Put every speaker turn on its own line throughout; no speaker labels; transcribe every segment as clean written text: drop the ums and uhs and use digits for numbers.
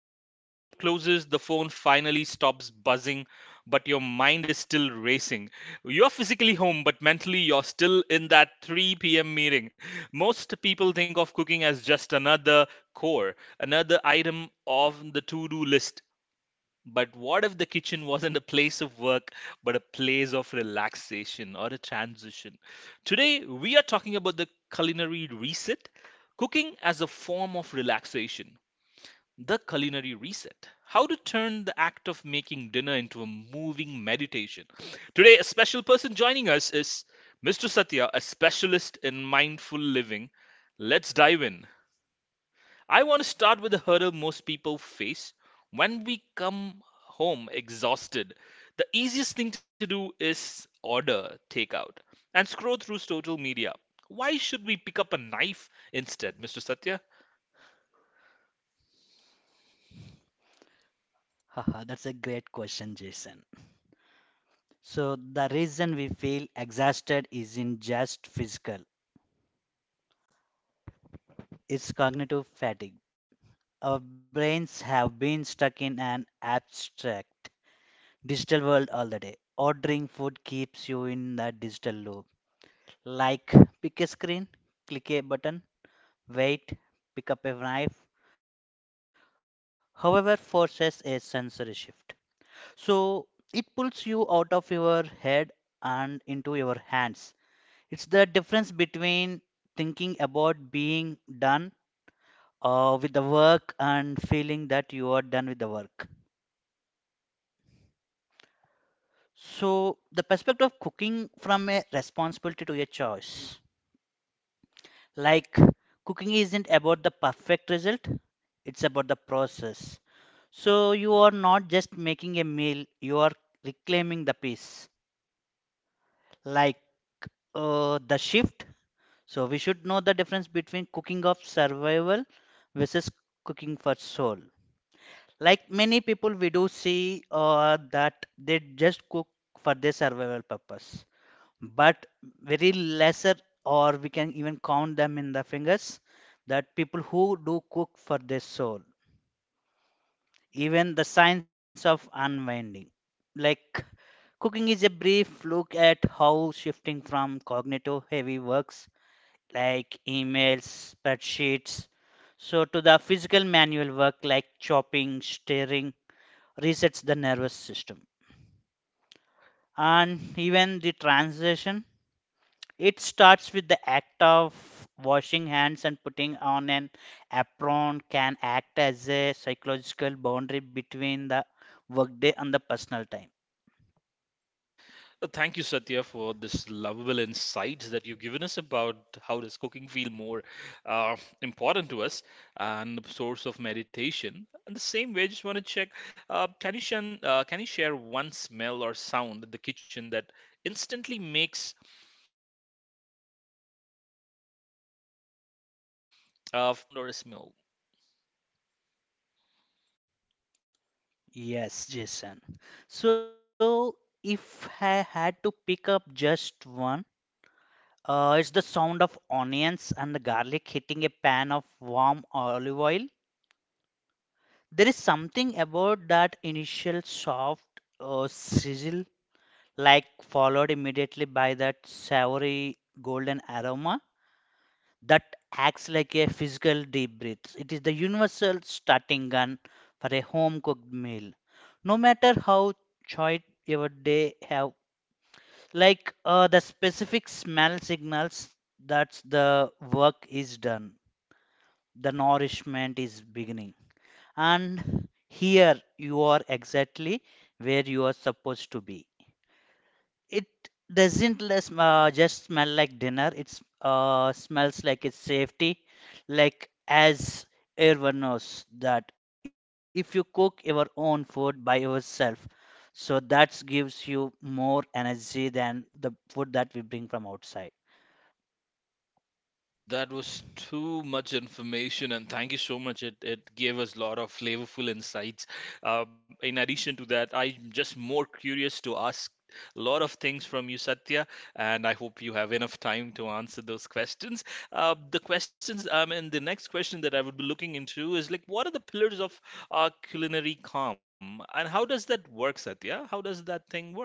there. The laptop closes, the phone finally stops buzzing, but your mind is still racing. You're physically home, but mentally you're still in that 3 p.m. meeting. Most people think of cooking as just another core, another item of the to do list. But what if the kitchen wasn't a place of work, but a place of relaxation or a transition? Today, we are talking about the culinary reset, cooking as a form of relaxation. The culinary reset. How to turn the act of making dinner into a moving meditation. Today, a special person joining us is Mr. Satya, a specialist in mindful living. Let's dive in. I want to start with the hurdle most people face when we come home exhausted. The easiest thing to do is order takeout and scroll through social media. Why should we pick up a knife instead, Mr. Satya? Thank you, Satya, for this lovable insights that you've given us about how does cooking feel more uh, important to us and the source of meditation. And the same way, I just want to check, can you share one smell or sound in the kitchen that instantly makes people feel at home? Anybody, like any kind of a sound or a smell? That was too much information, and thank you so much. It gave us a lot of flavorful insights. In addition to that, I'm just more curious to ask a lot of things from you, Satya, and I hope you have enough time to answer those questions. The questions, and the next question that I would be looking into is like, what are the pillars of culinary calm, and how does that work, Satya? How does that thing work?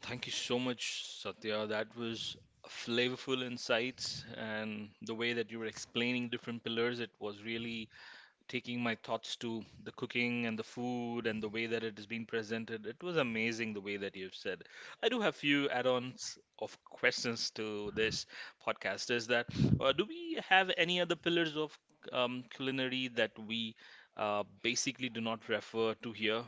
Thank you so much, Satya. That was flavorful insights, and the way that you were explaining different pillars, it was really taking my thoughts to the cooking and the food and the way that it is being presented. It was amazing the way that you've said. I do have few add-ons of questions to this podcast. Is that do we have any other pillars of culinary that we basically do not refer to here?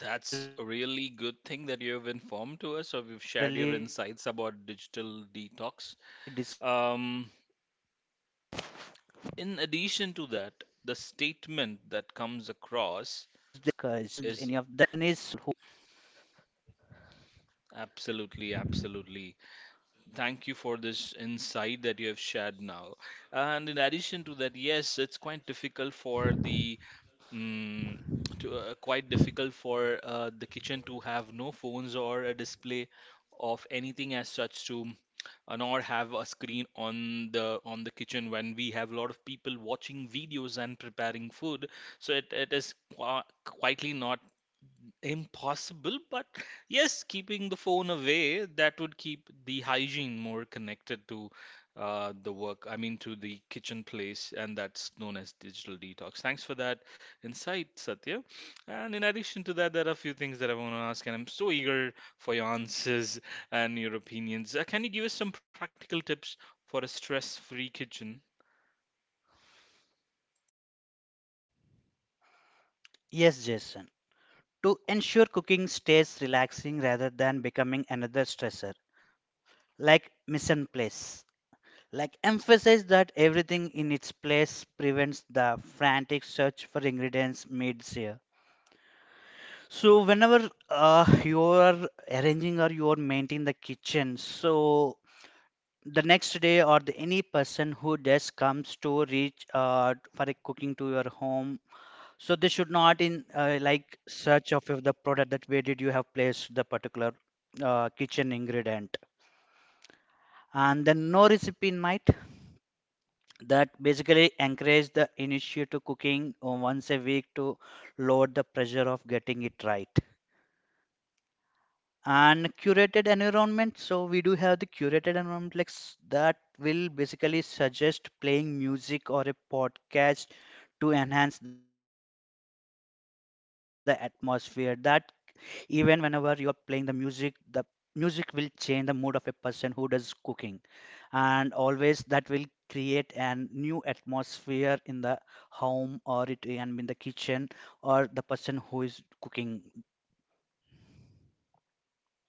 That's a really good thing that you've informed to us, or you've shared your insights about digital detox. Um, in addition to that, the statement that comes across is absolutely, absolutely. Thank you for this insight that you have shared now. And in addition to that, yes, it's quite difficult for the Mm, quite difficult for the kitchen to have no phones or a display of anything as such to nor have a screen on the kitchen when we have a lot of people watching videos and preparing food so it is quietly not impossible, but yes, keeping the phone away, that would keep the hygiene more connected to the work, I mean, to the kitchen place, and that's known as digital detox. Thanks for that insight, Satya. And in addition to that, there are a few things that I want to ask, and I'm so eager for your answers and your opinions. Can you give us some practical tips for a stress-free kitchen?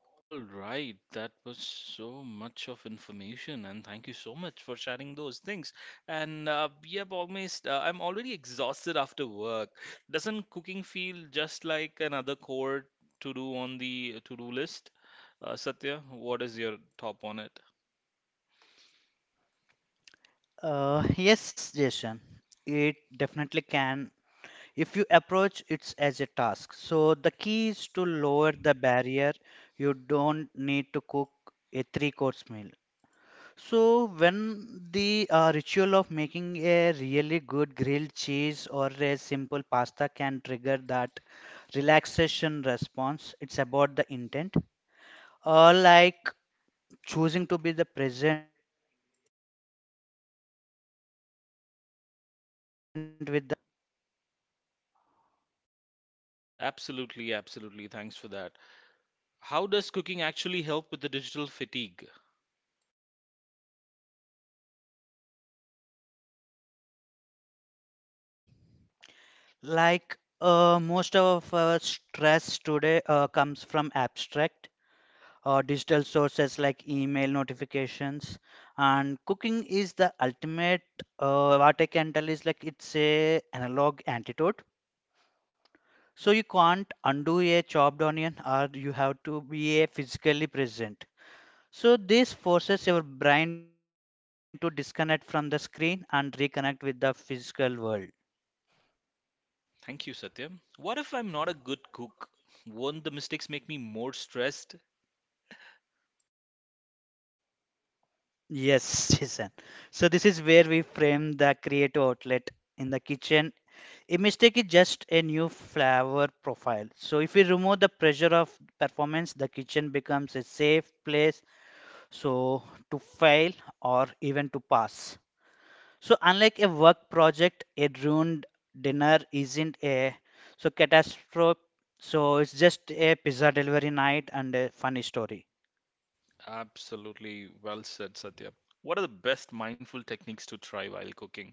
All right, that was so much of information, and thank you so much for sharing those things. And yep, almost I'm already exhausted after work. Doesn't cooking feel just like another chore to do on the to-do list? Satya, what is your top on it? Absolutely, absolutely. Thanks for that. How does cooking actually help with the digital fatigue? Thank you, Satya. What if I'm not a good cook? Won't the mistakes make me more stressed? Absolutely well said, Satya. What are the best mindful techniques to try while cooking?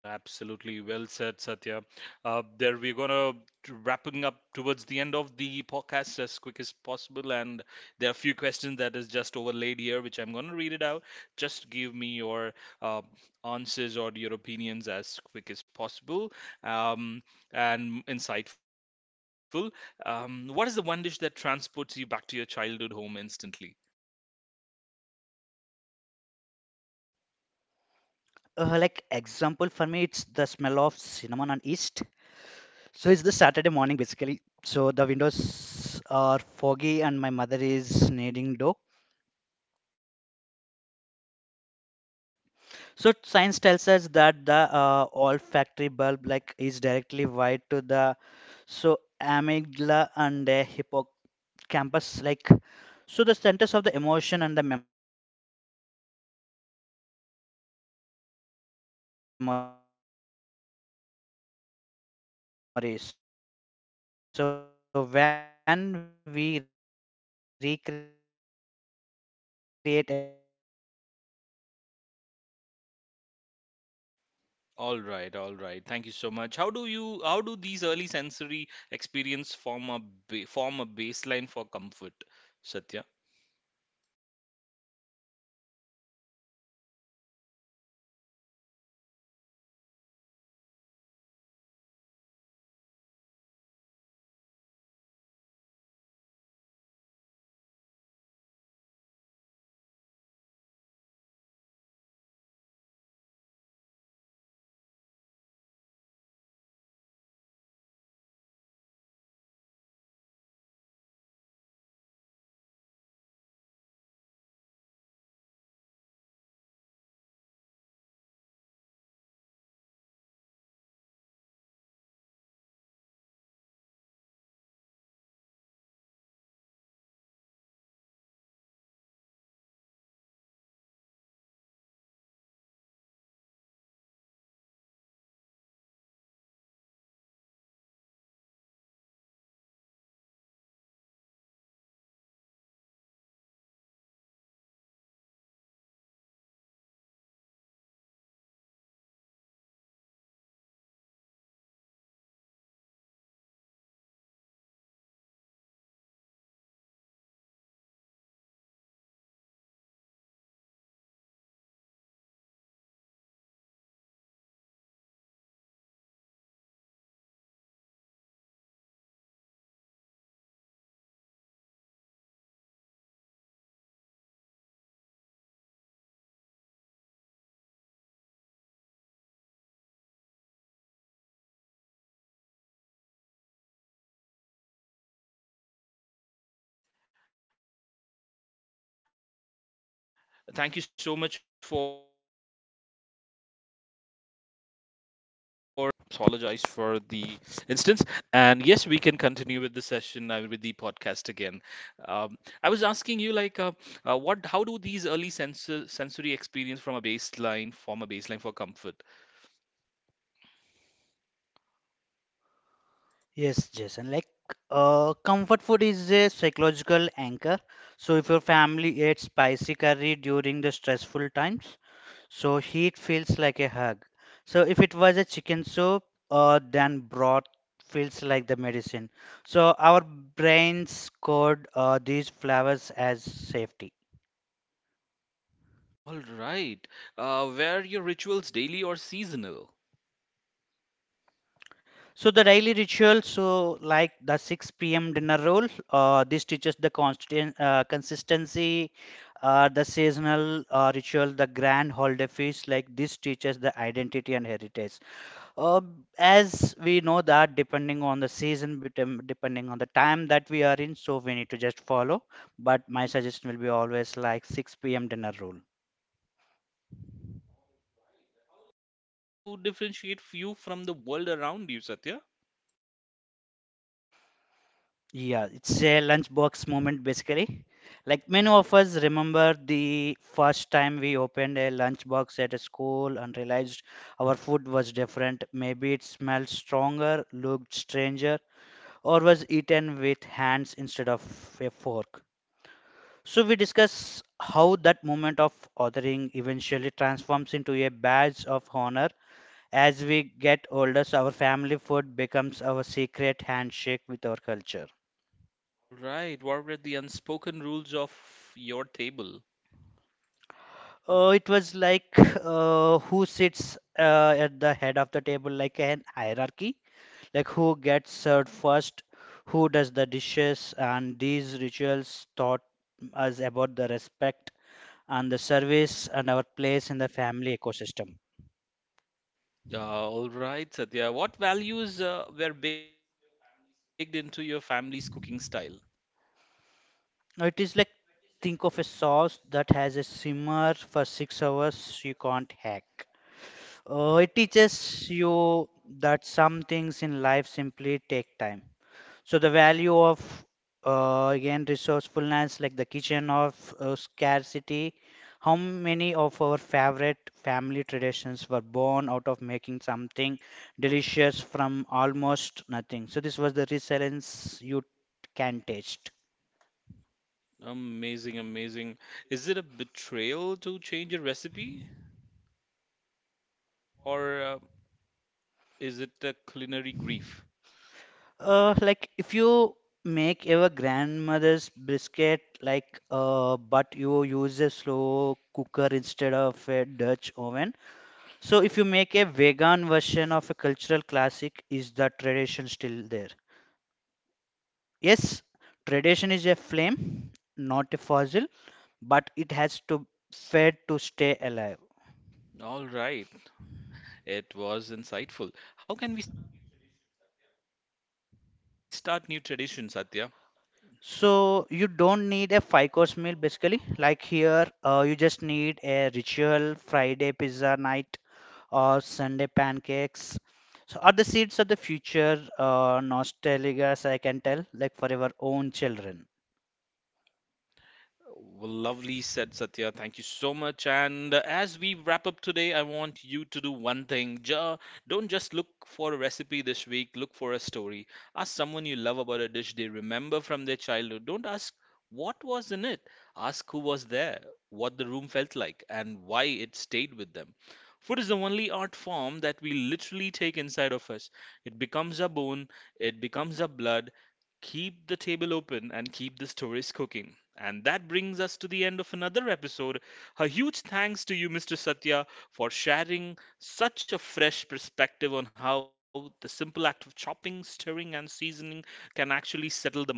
Absolutely well said, Satya. There we're gonna wrapping up towards the end of the podcast as quick as possible, and there are a few questions that is just overlaid here, which I'm gonna read it out. Just give me your uh, answers or your opinions as quick as possible, um, and insightful. What is the one dish that transports you back to your childhood home instantly? All right, all right. Thank you so much. How do these early sensory experience form a baseline for comfort, Satya? Thank you so much for patiently waiting. And there was an internet disruption between. Satya, I apologize for the instance. And yes, we can continue with the session. I mean, with the podcast again. Um, I was asking you like, what? How do these early sensory experience from a baseline form a baseline for comfort?
Yes, Jason. Comfort food is a psychological anchor. So, if your family ate spicy curry during the stressful times, so heat feels like a hug. So, if it was a chicken soup, then broth feels like the medicine. So, our brains code these flavors as safety.
All right. Were your rituals daily or seasonal?
So the daily ritual, so like the 6 p.m. dinner rule, this teaches the constant consistency. The seasonal ritual, the grand holiday feast, like this teaches the identity and heritage. Uh, as we know that depending on the season, depending on the time that we are in, so we need to just follow. But my suggestion will be always like 6 p.m. dinner rule.
All right. How did your family food differentiate you from the world around you, Satya?
Yeah, it's a lunchbox moment basically. Like many of us remember the first time we opened a lunchbox at a school and realized our food was different. Maybe it smelled stronger, looked stranger, or was eaten with hands instead of a fork. So we discuss how that moment of authoring eventually transforms into a badge of honor. As we get older, so our family food becomes our secret handshake with our culture.
All right. What were the unspoken rules of your table?
It was like who sits at the head of the table, like an hierarchy, like who gets served first, who does the dishes, and these rituals taught us about the respect and the service and our place in the family ecosystem.
Uh, all right, Satya. What values were baked into your family's cooking style?
It is like think of a sauce that has a simmer for 6 hours you can't hack. It teaches you that some things in life simply take time. So the value of again resourcefulness, like the kitchen of scarcity, how many of our favorite family traditions were born out of making something delicious from almost nothing. So this was the resilience you can taste.
Amazing, amazing. Is it a betrayal to change a recipe, or is it a culinary grief?
Like if you make your grandmother's brisket, but you use a slow cooker instead of a Dutch oven. So if you make a vegan version of a cultural classic, is the tradition still there? Yes, tradition is a flame, not a fossil, but it has to fed to stay alive.
All right. It was insightful. How can we start new traditions, Satya?
So you don't need a five course meal basically. Like here, you just need a ritual Friday pizza night or Sunday pancakes. So are the seeds of the future nostalgia, as I can tell, like for our own children.
Well, lovely said Satya. Thank you so much. And as we wrap up today, I want you to do one thing. Don't just look for a recipe this week, look for a story. Ask someone you love about a dish they remember from their childhood. Don't ask what was in it, ask who was there, what the room felt like, and why it stayed with them. Food is the only art form that we literally take inside of us. It becomes our bone, it becomes our blood. Keep the table open and keep the stories cooking. And that brings us to the end of another episode. A huge thanks to you, Mr. Satya, for sharing such a fresh perspective on how the simple act of chopping, stirring, and seasoning can actually settle the mind.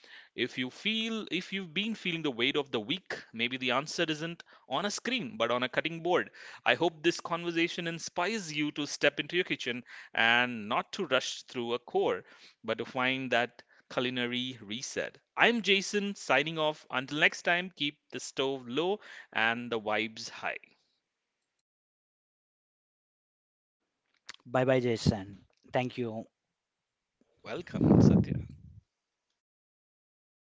If you've been feeling the weight of the week, maybe the answer isn't on a screen but on a cutting board. I hope this conversation inspires you to step into your kitchen and not to rush through a core, but to find that culinary reset. I'm Jason signing off. Until next time, keep the stove low and the
Bye bye, Jason. Thank you.